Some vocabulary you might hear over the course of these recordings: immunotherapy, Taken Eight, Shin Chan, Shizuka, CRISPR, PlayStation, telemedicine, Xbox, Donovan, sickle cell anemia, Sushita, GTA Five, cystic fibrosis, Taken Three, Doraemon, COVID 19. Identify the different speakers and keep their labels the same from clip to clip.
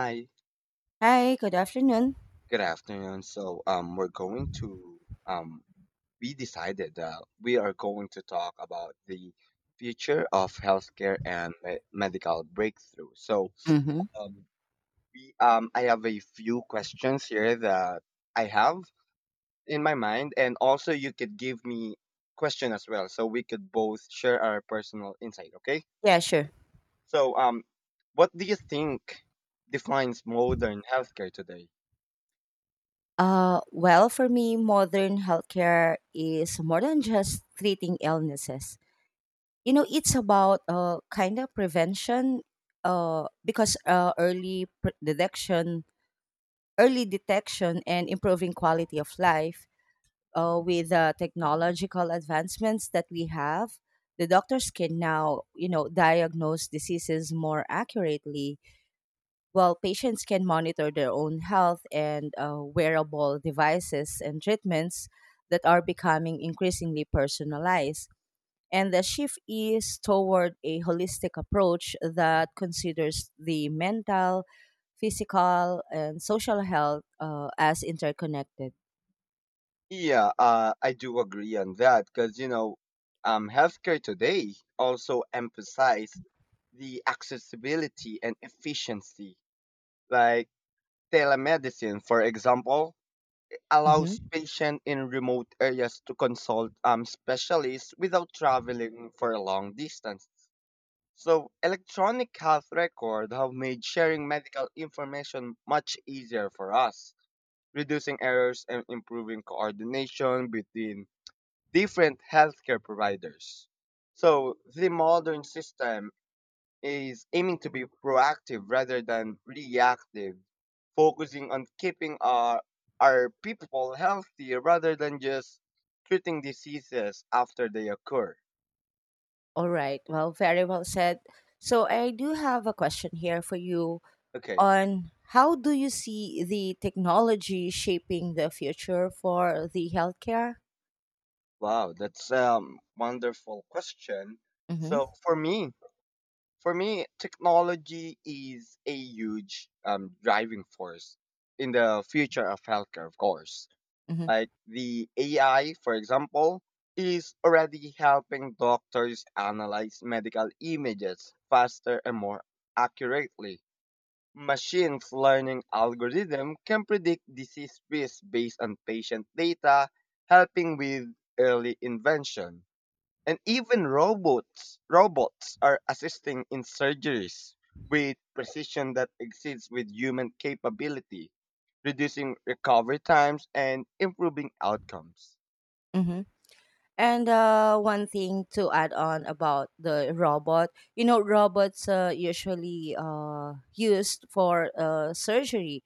Speaker 1: Hi,
Speaker 2: Hi, good afternoon.
Speaker 1: good afternoon. So, we're going to um, we decided that we are going to talk about the future of healthcare and medical breakthrough. So,
Speaker 2: Mm-hmm.
Speaker 1: um, I have a few questions here that I have in my mind, and also you could give me question as well, so we could both share our personal insight. Okay.
Speaker 2: Yeah, sure.
Speaker 1: So, what do you think defines modern healthcare today?
Speaker 2: Well, for me, modern healthcare is more than just treating illnesses. You know, it's about kind of prevention because early detection, early detection, and improving quality of life with the technological advancements that we have. The doctors can now, you know, diagnose diseases more accurately. While patients can monitor their own health and wearable devices and treatments that are becoming increasingly personalized. And the shift is toward a holistic approach that considers the mental, physical, and social health as interconnected.
Speaker 1: Yeah, I do agree on that because, you know, healthcare today also emphasize the accessibility and efficiency. Like telemedicine, for example, allows
Speaker 2: Mm-hmm.
Speaker 1: patients in remote areas to consult specialists without traveling for a long distance. So electronic health record have made sharing medical information much easier for us, reducing errors and improving coordination between different healthcare providers. So the modern system is aiming to be proactive rather than reactive, focusing on keeping our people healthy rather than just treating diseases after they occur.
Speaker 2: All right. Well, very well said. So, I do have a question here for you
Speaker 1: Okay.
Speaker 2: on, how do you see the technology shaping the future for the healthcare?
Speaker 1: Wow, that's a wonderful question.
Speaker 2: Mm-hmm.
Speaker 1: So for me, technology is a huge driving force in the future of healthcare, of course.
Speaker 2: Mm-hmm.
Speaker 1: Like the AI, for example, is already helping doctors analyze medical images faster and more accurately. Machines learning algorithm can predict disease risk based on patient data, helping with early intervention. And even robots are assisting in surgeries with precision that exceeds with human capability, reducing recovery times and improving outcomes.
Speaker 2: Mm-hmm. And one thing to add on about the robot, you know, robots usually used for surgery.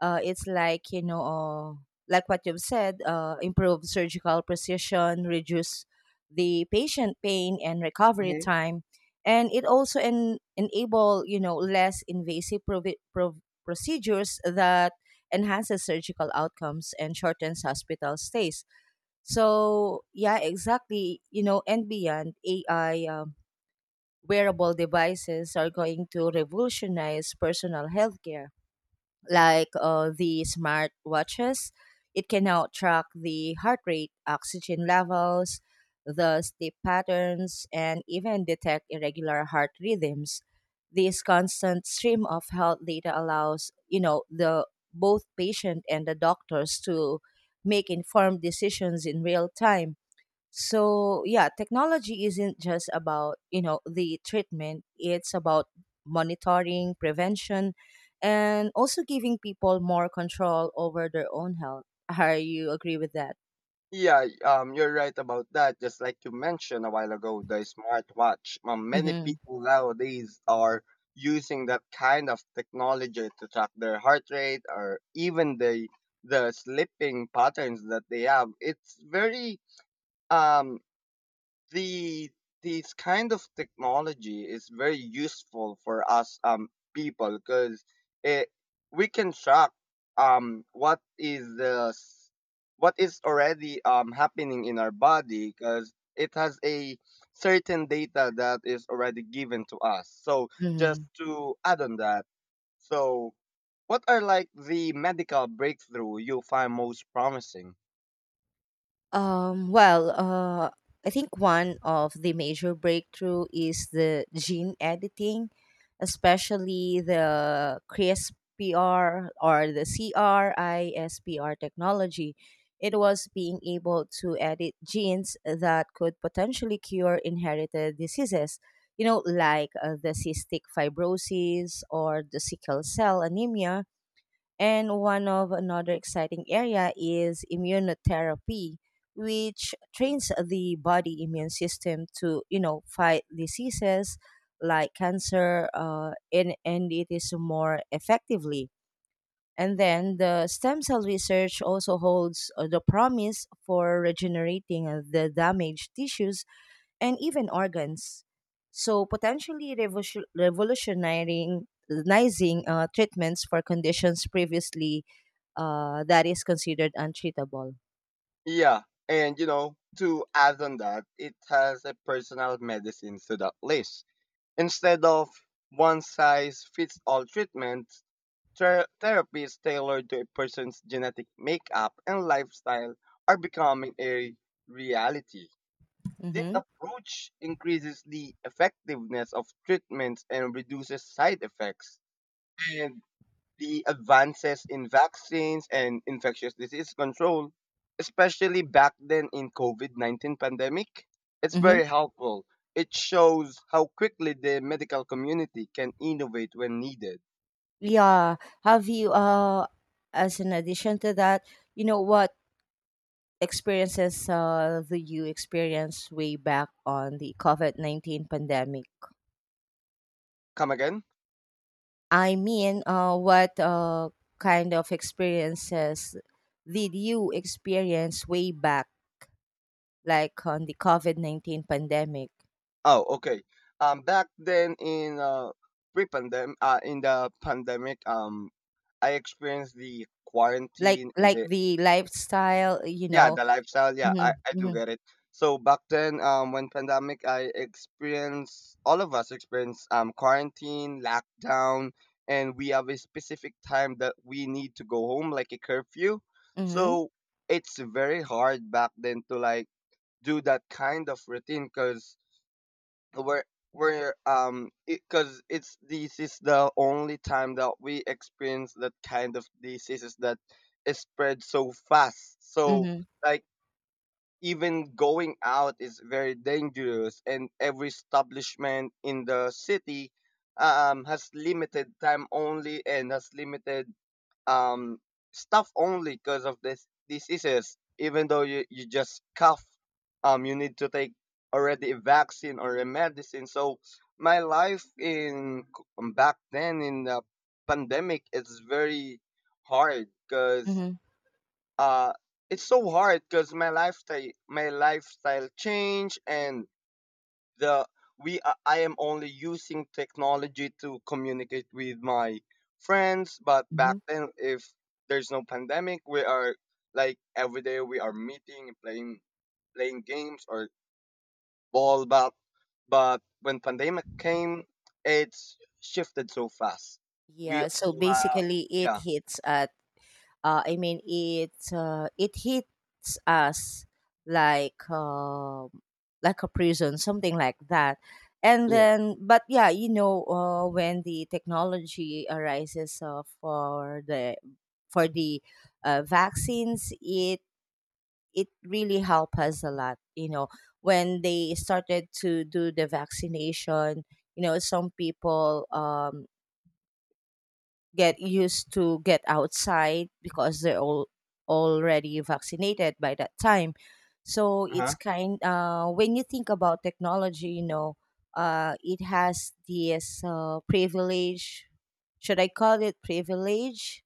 Speaker 2: It's like like what you've said, improve surgical precision, reduce the patient pain and recovery
Speaker 1: Hmm.
Speaker 2: time, and it also enable, you know, less invasive procedures that enhances surgical outcomes and shortens hospital stays. So yeah, exactly. You know, and beyond AI, wearable devices are going to revolutionize personal healthcare, like the smart watches. It can now track the heart rate, oxygen levels, the sleep patterns, and even detect irregular heart rhythms. This constant stream of health data allows, you know, the both patient and the doctors to make informed decisions in real time. So yeah, technology isn't just about, you know, the treatment. It's about monitoring, prevention, and also giving people more control over their own health. Are you agree with that?
Speaker 1: Yeah, you're right about that. Just like you mentioned a while ago, the smartwatch. Many people nowadays are using that kind of technology to track their heart rate or even the sleeping patterns that they have. It's very um the This kind of technology is very useful for us people because it we can track um what is the s- what is already happening in our body because it has a certain data that is already given to us. So just
Speaker 2: Mm-hmm.
Speaker 1: to add on that, so what are like the medical breakthrough you find most promising?
Speaker 2: Um, well, uh, I think one of the major breakthrough is the gene editing, especially the CRISPR or the CRISPR technology. It was being able to edit genes that could potentially cure inherited diseases, you know, like the cystic fibrosis or the sickle cell anemia. And one of another exciting area is immunotherapy, which trains the body immune system to, you know, fight diseases like cancer, and it is more effectively. And then the stem cell research also holds the promise for regenerating the damaged tissues and even organs. So, potentially revolutionizing, treatments for conditions previously that is considered untreatable.
Speaker 1: Yeah, and you know, to add on that, it has a personal medicine to that list. Instead of one size fits all treatments, therapies tailored to a person's genetic makeup and lifestyle are becoming a reality. This
Speaker 2: Mm-hmm.
Speaker 1: approach increases the effectiveness of treatments and reduces side effects. And the advances in vaccines and infectious disease control, especially back then in COVID-19 pandemic, it's
Speaker 2: Mm-hmm.
Speaker 1: very helpful. It shows how quickly the medical community can innovate when needed.
Speaker 2: Yeah. Have you as an addition to that, you know, what experiences do you experience way back on the COVID 19 pandemic?
Speaker 1: Come again?
Speaker 2: I mean, what kind of experiences did you experience way back like on the COVID 19 pandemic?
Speaker 1: Oh, okay. Back then in pre-pandemic, in the pandemic, I experienced the quarantine and
Speaker 2: Like
Speaker 1: the,
Speaker 2: the lifestyle, you
Speaker 1: yeah,
Speaker 2: know.
Speaker 1: the lifestyle, yeah,
Speaker 2: Hmm.
Speaker 1: I do
Speaker 2: Hmm.
Speaker 1: get it. So back then, when pandemic, I experienced, all of us experience quarantine lockdown, and we have a specific time that we need to go home, like a curfew.
Speaker 2: Hmm.
Speaker 1: So it's very hard back then to like do that kind of routine because we're we're because it's this is the only time that we experience that kind of diseases that is spread so fast. So
Speaker 2: Hmm.
Speaker 1: like even going out is very dangerous, and every establishment in the city has limited time only and has limited um, stuff only because of this diseases. Even though you just cough, you need to take already a vaccine or a medicine. So my life in back then in the pandemic is very hard because
Speaker 2: Hmm.
Speaker 1: uh it's so hard because my lifestyle change, and the I am only using technology to communicate with my friends. But back
Speaker 2: Hmm.
Speaker 1: then, if there's no pandemic, we are like every day we are meeting and playing games or ball. But when pandemic came, it's shifted so fast. We
Speaker 2: Yeah, so basically it
Speaker 1: yeah
Speaker 2: hits at, I mean, it it hits us like um like a prison, something like that. And
Speaker 1: yeah.
Speaker 2: then, but yeah, you know, when the technology arises for the vaccines, it really helped us a lot. You know, when they started to do the vaccination, you know, some people get used to get outside because they're all already vaccinated by that time. So it's
Speaker 1: Uh-huh.
Speaker 2: kind when you think about technology, you know, it has this privilege. Should I call it privilege?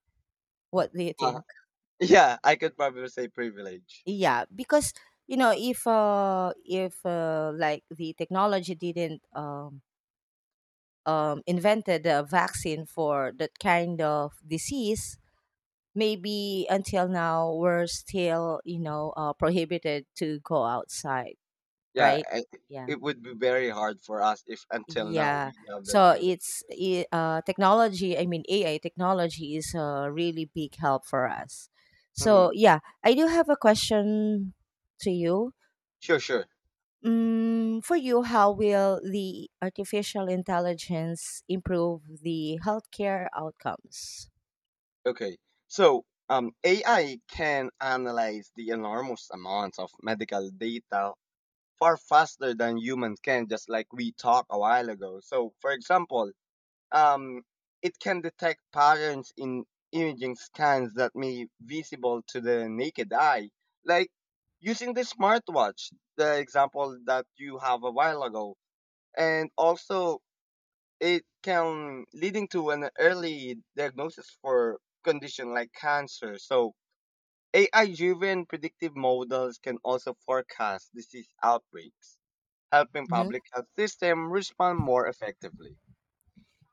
Speaker 2: What do you
Speaker 1: uh,
Speaker 2: think?
Speaker 1: yeah, I could probably say privilege.
Speaker 2: Yeah, because, you know, if like the technology didn't invented a vaccine for that kind of disease, maybe until now we're still, you know, prohibited to go outside,
Speaker 1: Yeah,
Speaker 2: right? Yeah.
Speaker 1: it would be very hard for us if until now
Speaker 2: Yeah,
Speaker 1: we have that
Speaker 2: so
Speaker 1: kind of business.
Speaker 2: technology, I mean AI technology is a really big help for us.
Speaker 1: Hmm.
Speaker 2: So yeah, I do have a question to you.
Speaker 1: Sure, sure.
Speaker 2: Mm, for you, how will the artificial intelligence improve the healthcare outcomes?
Speaker 1: Okay. So, AI can analyze the enormous amounts of medical data far faster than humans can, just like we talked a while ago. So, for example, um, it can detect patterns in imaging scans that may visible to the naked eye, like using the smartwatch, the example that you have a while ago. And also, it can leading to an early diagnosis for condition like cancer. So AI driven predictive models can also forecast disease outbreaks, helping public health system respond more effectively.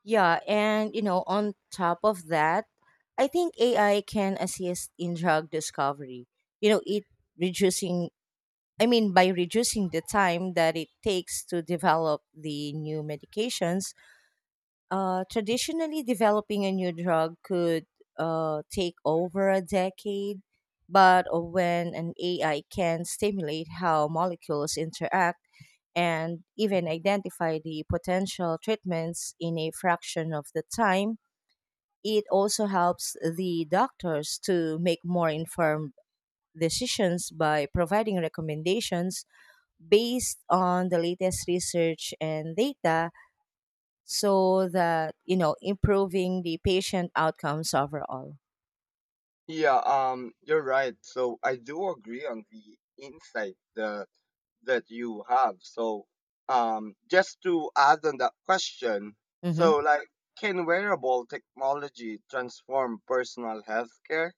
Speaker 2: Yeah, and you know, on top of that, I think AI can assist in drug discovery. You know, it reducing I mean, by reducing the time that it takes to develop the new medications, traditionally, developing a new drug could take over a decade, but when an AI can stimulate how molecules interact and even identify the potential treatments in a fraction of the time, it also helps the doctors to make more informed decisions by providing recommendations based on the latest research and data, so that, you know, improving the patient outcomes overall.
Speaker 1: Yeah, you're right. So I do agree on the insight, that you have. So, just to add on that question, so
Speaker 2: Hmm.
Speaker 1: like, can wearable technology transform personal healthcare?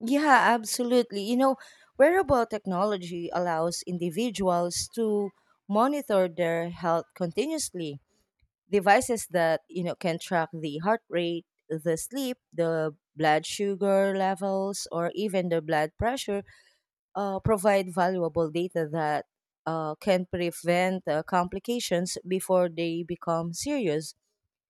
Speaker 2: Yeah, absolutely. You know, wearable technology allows individuals to monitor their health continuously. Devices that, you know, can track the heart rate, the sleep, the blood sugar levels, or even the blood pressure provide valuable data that can prevent complications before they become serious.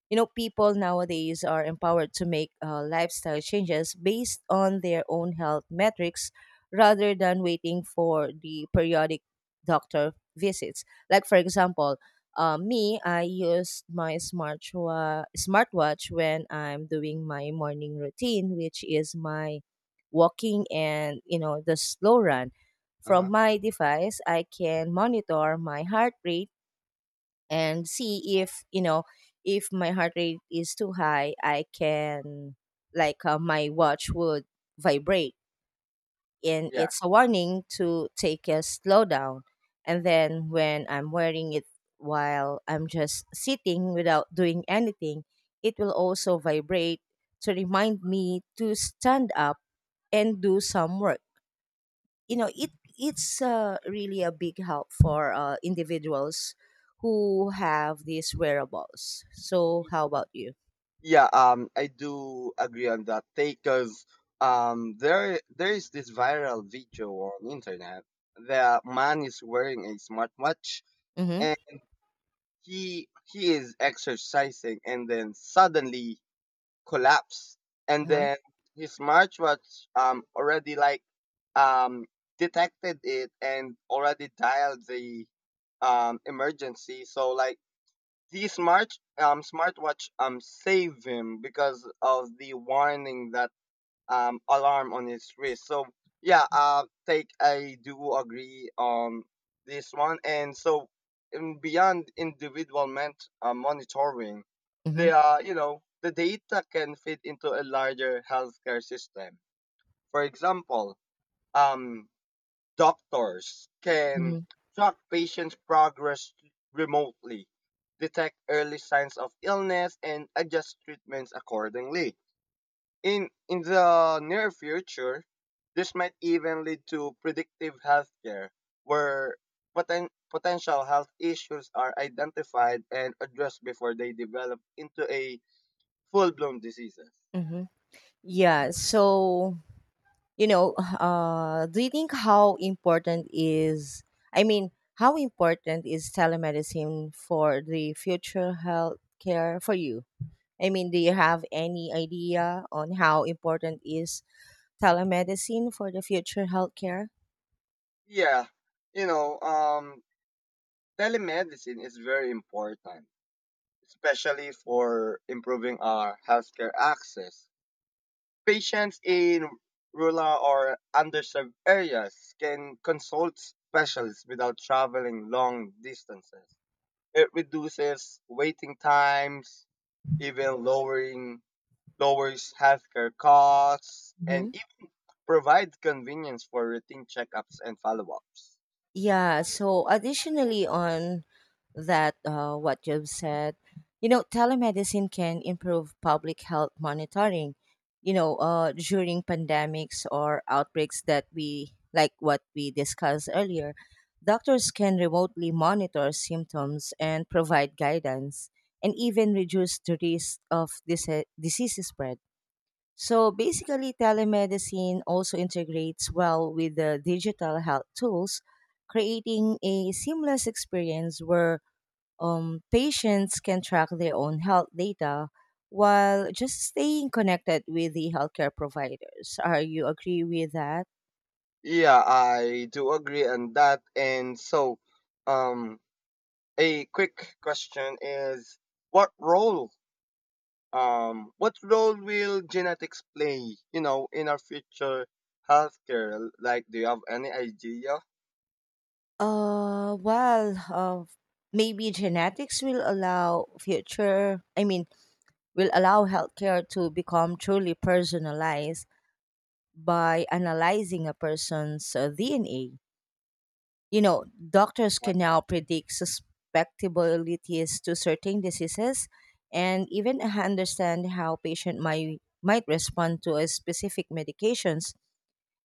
Speaker 2: You know, people nowadays are empowered to make lifestyle changes based on their own health metrics rather than waiting for the periodic doctor visits. Like, for example, me, I use my smartwatch when I'm doing my morning routine, which is my walking and, you know, the slow run.
Speaker 1: Uh
Speaker 2: From
Speaker 1: huh.
Speaker 2: my device I can monitor my heart rate, and see if, you know, if my heart rate is too high, I can like my watch would vibrate, and
Speaker 1: Yeah.
Speaker 2: it's a warning to take a slowdown. And then when I'm wearing it while I'm just sitting without doing anything, it will also vibrate to remind me to stand up and do some work. You know, it it's really a big help for individuals who have these wearables. So
Speaker 1: Y-
Speaker 2: how about you?
Speaker 1: Yeah, I do agree on that take because there is this viral video on internet that man is wearing a smartwatch.
Speaker 2: Mm-hmm.
Speaker 1: He is exercising and then suddenly collapsed, and
Speaker 2: Uh-huh.
Speaker 1: then his smartwatch already, like, um detected it and already dialed the emergency. So like the smartwatch save him because of the warning that alarm on his wrist. So yeah, take I do agree on this one. And so in beyond individual monitoring,
Speaker 2: Mm-hmm.
Speaker 1: they are, you know, the data can fit into a larger healthcare system. For example, um, doctors
Speaker 2: Mm-hmm.
Speaker 1: can track patients' progress remotely, detect early signs of illness, and adjust treatments accordingly. In the near future, this might even lead to predictive healthcare, where potential health issues are identified and addressed before they develop into a full-blown diseases.
Speaker 2: Mm-hmm. Yeah, so, you know, do you think how important is, I mean, how important is telemedicine for the future health care for you? I mean, do you have any idea on how important is telemedicine for the future healthcare?
Speaker 1: Yeah, you know, telemedicine is very important, especially for improving our healthcare access. Patients in rural or underserved areas can consult specialists without traveling long distances. It reduces waiting times, even lowering lowers healthcare costs, and it provides convenience for routine checkups and follow-ups.
Speaker 2: Yeah. So, additionally, on that, what you've said, you know, telemedicine can improve public health monitoring. You know, during pandemics or outbreaks that we like what we discussed earlier, doctors can remotely monitor symptoms and provide guidance, and even reduce the risk of disease spread. So basically, telemedicine also integrates well with the digital health tools, creating a seamless experience where patients can track their own health data while just staying connected with the healthcare providers. Are you agree with that?
Speaker 1: Yeah, I do agree on that. And so, um, a quick question is, what role will genetics play, you know, in our future healthcare? Like, do you have any idea?
Speaker 2: Uh, well, uh, Maybe genetics will allow future, I mean, will allow healthcare to become truly personalized by analyzing a person's DNA. You know, doctors
Speaker 1: Huh?
Speaker 2: can now predict susceptibilities to certain diseases and even understand how patient might respond to a specific medications,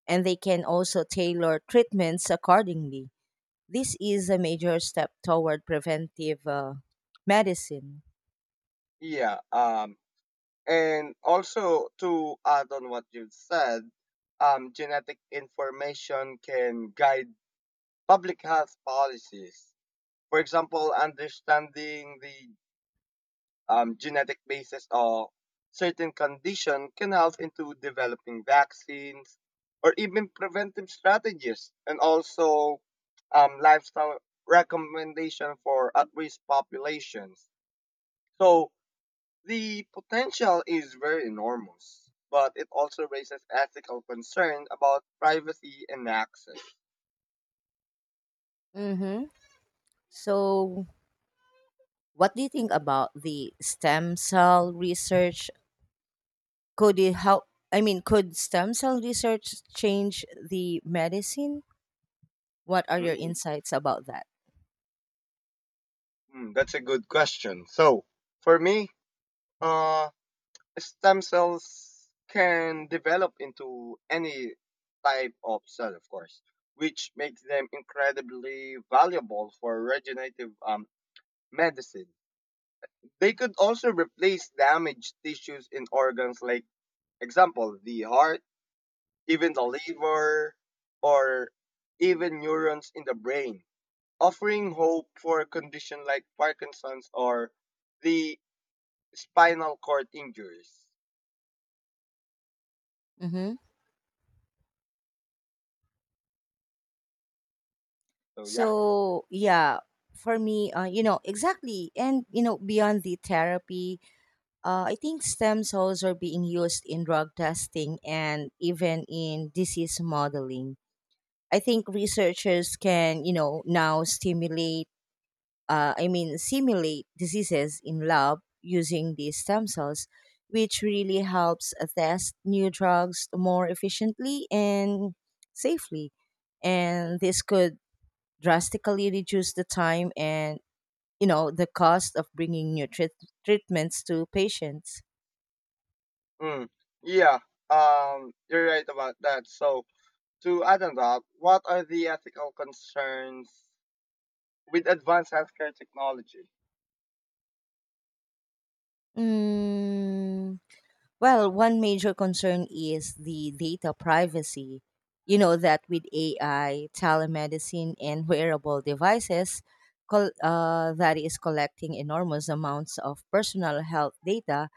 Speaker 2: and they can also tailor treatments accordingly. This is a major step toward preventive medicine.
Speaker 1: Yeah. And also to add on what you've said, genetic information can guide public health policies. For example, understanding the genetic basis of certain condition can help into developing vaccines or even preventive strategies, and also lifestyle recommendation for at-risk populations. So the potential is very enormous, but it also raises ethical concern about privacy and access.
Speaker 2: Mhm. So, what do you think about the stem cell research? Could it help? I mean, could stem cell research change the medicine? What are your
Speaker 1: Mm,
Speaker 2: insights about that?
Speaker 1: mm, that's a good question. So for me, uh, stem cells can develop into any type of cell, of course, which makes them incredibly valuable for regenerative medicine. They could also replace damaged tissues in organs, like example the heart, even the liver, or even neurons in the brain, offering hope for a condition like Parkinson's or the spinal cord injuries.
Speaker 2: Hmm.
Speaker 1: So yeah.
Speaker 2: So, yeah, for me, you know, exactly. And, you know, beyond the therapy, I think stem cells are being used in drug testing and even in disease modeling. I think researchers can, you know, now stimulate I mean, simulate diseases in lab using these stem cells, which really helps test new drugs more efficiently and safely. And this could drastically reduce the time and, you know, the cost of bringing new treatments to patients.
Speaker 1: Mm, yeah, you're right about that. So, to add on that, what are the ethical concerns with advanced healthcare technology?
Speaker 2: Mm. Well, one major concern is the data privacy. You know that with AI, telemedicine, and wearable devices, that is collecting enormous amounts of personal health data,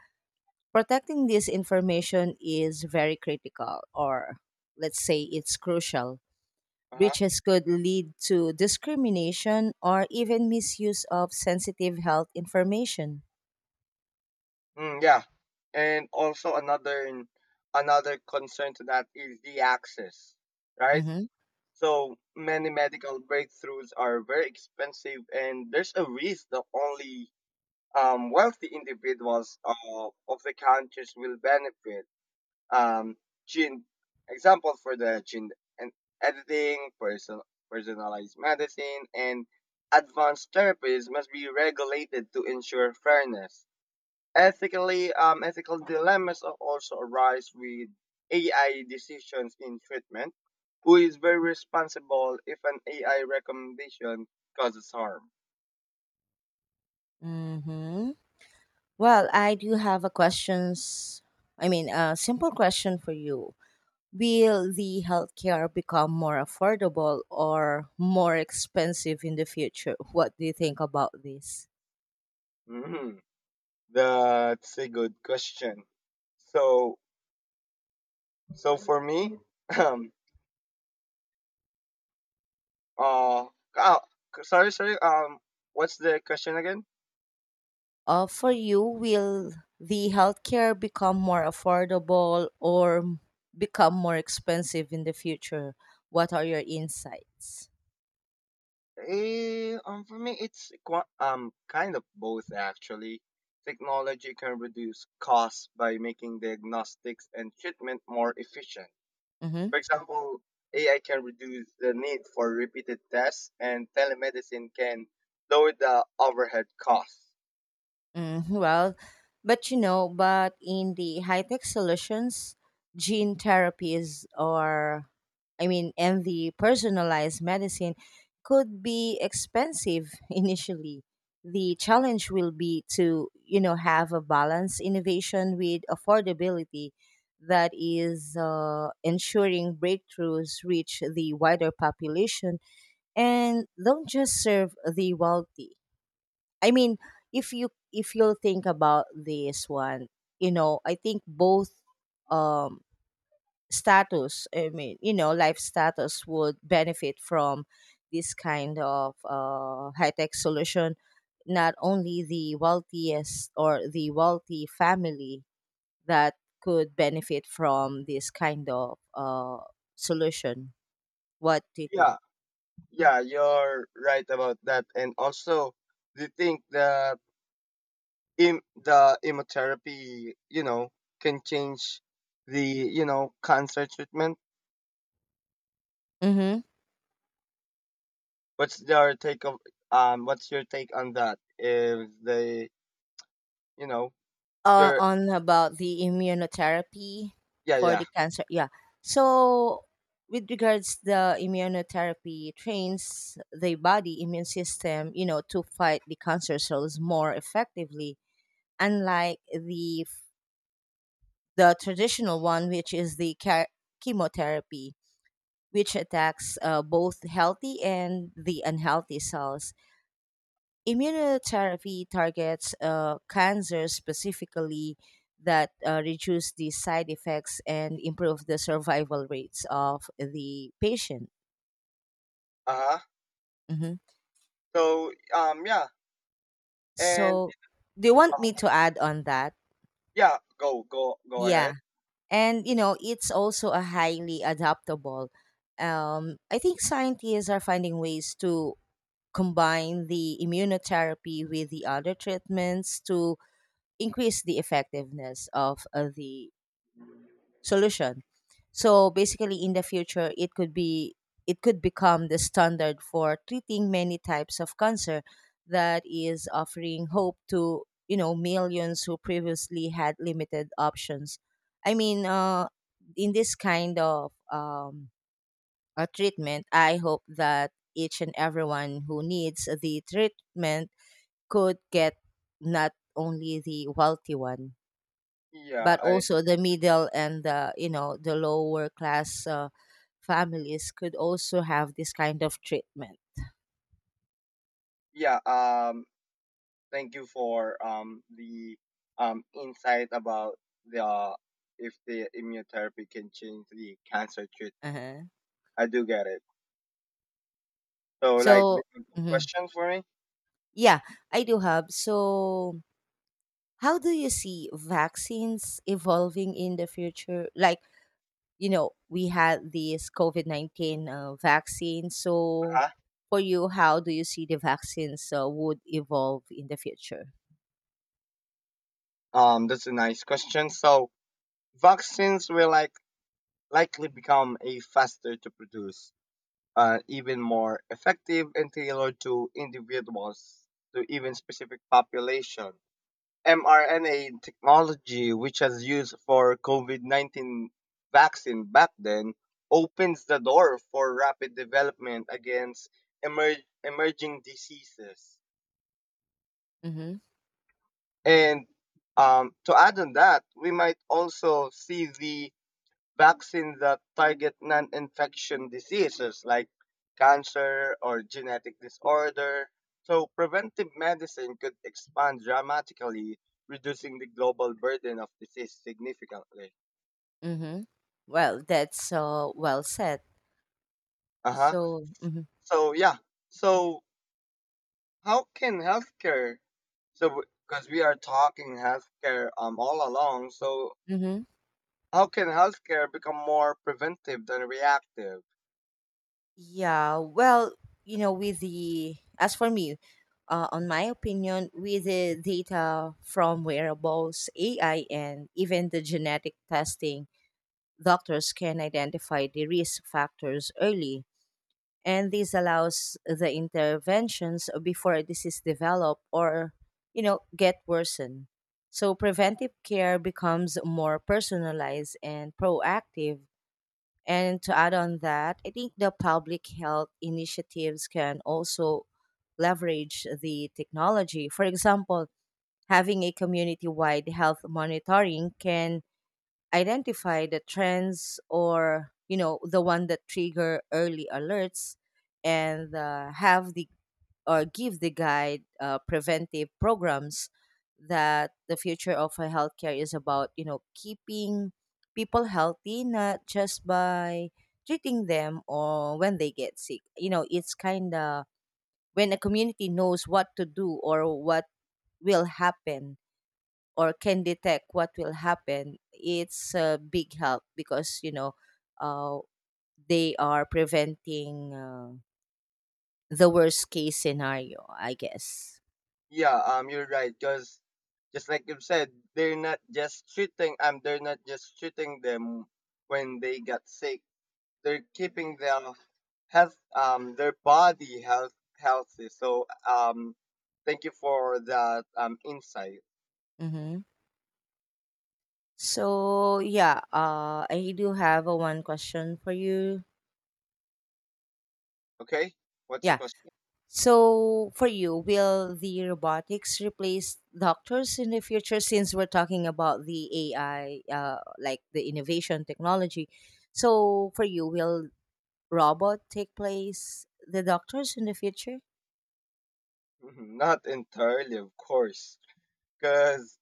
Speaker 2: protecting this information is very critical, or let's say it's crucial.
Speaker 1: Uh-huh.
Speaker 2: Breaches could lead to discrimination or even misuse of sensitive health information.
Speaker 1: Mm, yeah, and also another concern to that is the access, right?
Speaker 2: Mm-hmm.
Speaker 1: So many medical breakthroughs are very expensive, and there's a risk that only wealthy individuals of the countries will benefit. um, gene examples for the gene, and editing, person, personalized medicine, and advanced therapies must be regulated to ensure fairness. Ethically, ethical dilemmas also arise with AI decisions in treatment. Who is very responsible if an AI recommendation causes harm?
Speaker 2: Mm-hmm. Well, I do have a questions. I mean, a simple question for you. Will the healthcare become more affordable or more expensive in the future? What do you think about this?
Speaker 1: Hmm. That's a good question. So, so for me, Uh, uh sorry, sorry. What's the question again?
Speaker 2: For you, will the healthcare become more affordable or become more expensive in the future? What are your insights?
Speaker 1: Eh, for me, it's kind of both actually. Technology can reduce costs by making diagnostics and treatment more efficient.
Speaker 2: Mm-hmm.
Speaker 1: For example, AI can reduce the need for repeated tests, and telemedicine can lower the overhead costs.
Speaker 2: Mm, well, but you know, but in the high tech solutions, gene therapies or, I mean, and the personalized medicine could be expensive initially. The challenge will be to, you know, have a balance innovation with affordability, that is ensuring breakthroughs reach the wider population and don't just serve the wealthy. I mean, if you'll think about this one, you know, I think both um status, I mean, you know, life status would benefit from this kind of high-tech solution. Not only the wealthiest or the wealthy family that could benefit from this kind of solution. What do you think?
Speaker 1: Yeah, yeah, you're right about that. And also, do you think the the immunotherapy, you know, can change the, you know, cancer treatment.
Speaker 2: Mm-hmm.
Speaker 1: What's your take of what's your take on that? If they you know, your
Speaker 2: On about the immunotherapy
Speaker 1: Yeah,
Speaker 2: for
Speaker 1: yeah.
Speaker 2: the cancer. Yeah. So, with regards the immunotherapy trains the body immune system, you know, to fight the cancer cells more effectively, unlike the traditional one, which is the chemotherapy, which attacks both healthy and the unhealthy cells. Immunotherapy targets cancer specifically, that reduce the side effects and improve the survival rates of the patient.
Speaker 1: Uh-huh.
Speaker 2: Mhm.
Speaker 1: So yeah. And
Speaker 2: So, do you want me
Speaker 1: uh,
Speaker 2: to add on that?
Speaker 1: yeah, go
Speaker 2: Yeah.
Speaker 1: ahead.
Speaker 2: And you know, it's also a highly adaptable. I think scientists are finding ways to combine the immunotherapy with the other treatments to increase the effectiveness of the solution. So basically, in the future, it could become the standard for treating many types of cancer that is offering hope to millions who previously had limited options. I mean, uh, in this kind of a treatment, I hope that each and everyone who needs the treatment could get, not only the wealthy one,
Speaker 1: Yeah,
Speaker 2: but
Speaker 1: I
Speaker 2: also the middle and the the lower class families could also have this kind of treatment.
Speaker 1: yeah, thank you for the insight about the if the immunotherapy can change the cancer treatment.
Speaker 2: Uh-huh.
Speaker 1: I do get it. So, like,
Speaker 2: So,
Speaker 1: this is a
Speaker 2: mhm,
Speaker 1: question for me.
Speaker 2: yeah, I do have, so how do you see vaccines evolving in the future, like, you know, we had this COVID 19 vaccines. So,
Speaker 1: Uh-huh.
Speaker 2: for you, how do you see the vaccines would evolve in the future?
Speaker 1: That's a nice question. So, vaccines will likely become a faster to produce, even more effective and tailored to individuals, to even specific population. mRNA technology, which was used for COVID-19 vaccine back then, opens the door for rapid development against emerging diseases.
Speaker 2: Mm-hmm.
Speaker 1: And to add on that, we might also see the vaccines that target non infection diseases like cancer or genetic disorder. So, preventive medicine could expand dramatically, reducing the global burden of disease significantly.
Speaker 2: Mm-hmm. Well, that's well said.
Speaker 1: Uh huh.
Speaker 2: So, mhm,
Speaker 1: So, yeah. So, how can healthcare? So, because we are talking healthcare all along, so
Speaker 2: mhm,
Speaker 1: how can healthcare become more preventive than reactive?
Speaker 2: yeah, well, you know, with the, as for me, on my opinion, with the data from wearables, AI, and even the genetic testing, doctors can identify the risk factors early, and this allows the interventions before a disease develop, or, you know, get worsened. So preventive care becomes more personalized and proactive. And to add on that, I think the public health initiatives can also leverage the technology. For example, having a community wide health monitoring can identify the trends, or, you know, the one that trigger early alerts, and have the, or give the guide preventive programs. That the future of a healthcare is about, you know, keeping people healthy, not just by treating them or when they get sick. You know, it's kind of, when a community knows what to do or what will happen, or can detect what will happen, it's a big help, because uh, they are preventing the worst case scenario, I guess.
Speaker 1: Yeah, you're right. Cause just like you said, they're not just treating. They're not just treating them when they got sick. They're keeping their health, their body health healthy. So, thank you for that insight.
Speaker 2: Mm-hmm. So yeah, I do have a one question for you.
Speaker 1: Okay, what's the
Speaker 2: Yeah.
Speaker 1: question?
Speaker 2: So for you, will the robotics replace doctors in the future? Since we're talking about the AI, like the innovation technology, so for you, will robot take place the doctors in the future?
Speaker 1: Mhm, not entirely, of course, because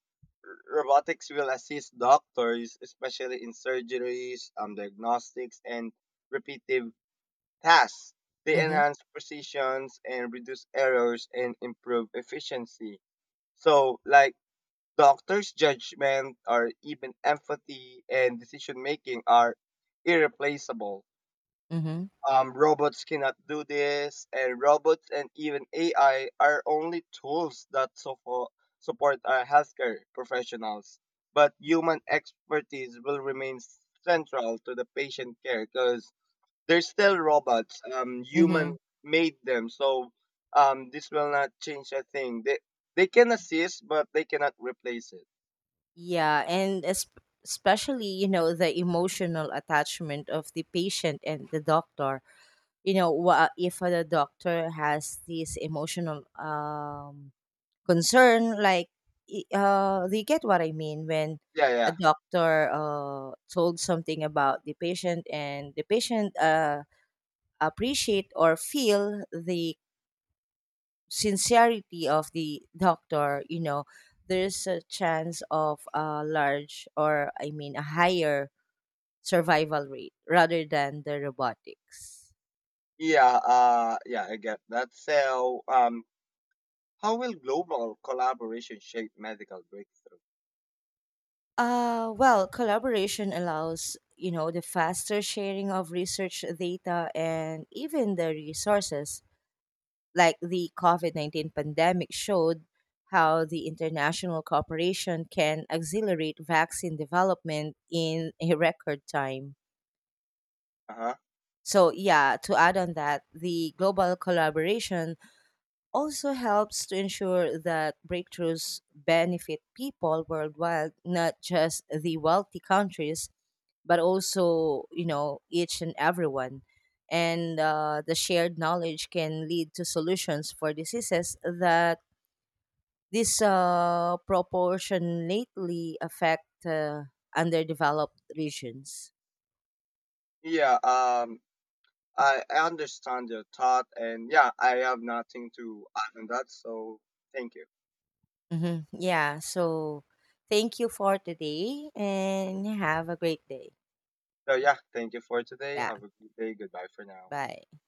Speaker 1: robotics will assist doctors, especially in surgeries, diagnostics, and repetitive tasks. They
Speaker 2: Mm-hmm.
Speaker 1: enhance precisions and reduce errors and improve efficiency. So, like, doctors' judgment or even empathy and decision making are irreplaceable.
Speaker 2: Mm-hmm.
Speaker 1: Robots cannot do this, and robots and even AI are only tools that support our healthcare professionals. But human expertise will remain central to the patient care because they're still robots. Human
Speaker 2: Mm-hmm.
Speaker 1: made them, so this will not change a thing. They can assist, but they cannot replace it.
Speaker 2: Yeah, and es- especially, you know, the emotional attachment of the patient and the doctor. You know, if the doctor has this emotional concern, like, they get what I mean. When
Speaker 1: Yeah,
Speaker 2: a
Speaker 1: yeah,
Speaker 2: doctor told something about the patient, and the patient appreciate or feel the sincerity of the doctor, you know, there's a chance of a large or I mean a higher survival rate rather than the robotics.
Speaker 1: yeah. Yeah, I get that. So, how will global collaboration shape medical breakthrough?
Speaker 2: Well, collaboration allows, you know, the faster sharing of research data and even the resources. Like the COVID 19 pandemic showed how the international cooperation can accelerate vaccine development in a record time.
Speaker 1: Uh-huh.
Speaker 2: So, yeah, to add on that, the global collaboration also helps to ensure that breakthroughs benefit people worldwide, not just the wealthy countries, but also, you know, each and everyone. And the shared knowledge can lead to solutions for diseases that this proportionately affect underdeveloped regions.
Speaker 1: Yeah, I understand your thought, and yeah, I have nothing to add on that, so thank you.
Speaker 2: Hmm, yeah, so thank you for today and have a great day.
Speaker 1: So yeah, thank you for today.
Speaker 2: Yeah,
Speaker 1: Have a good day. Goodbye for now.
Speaker 2: bye.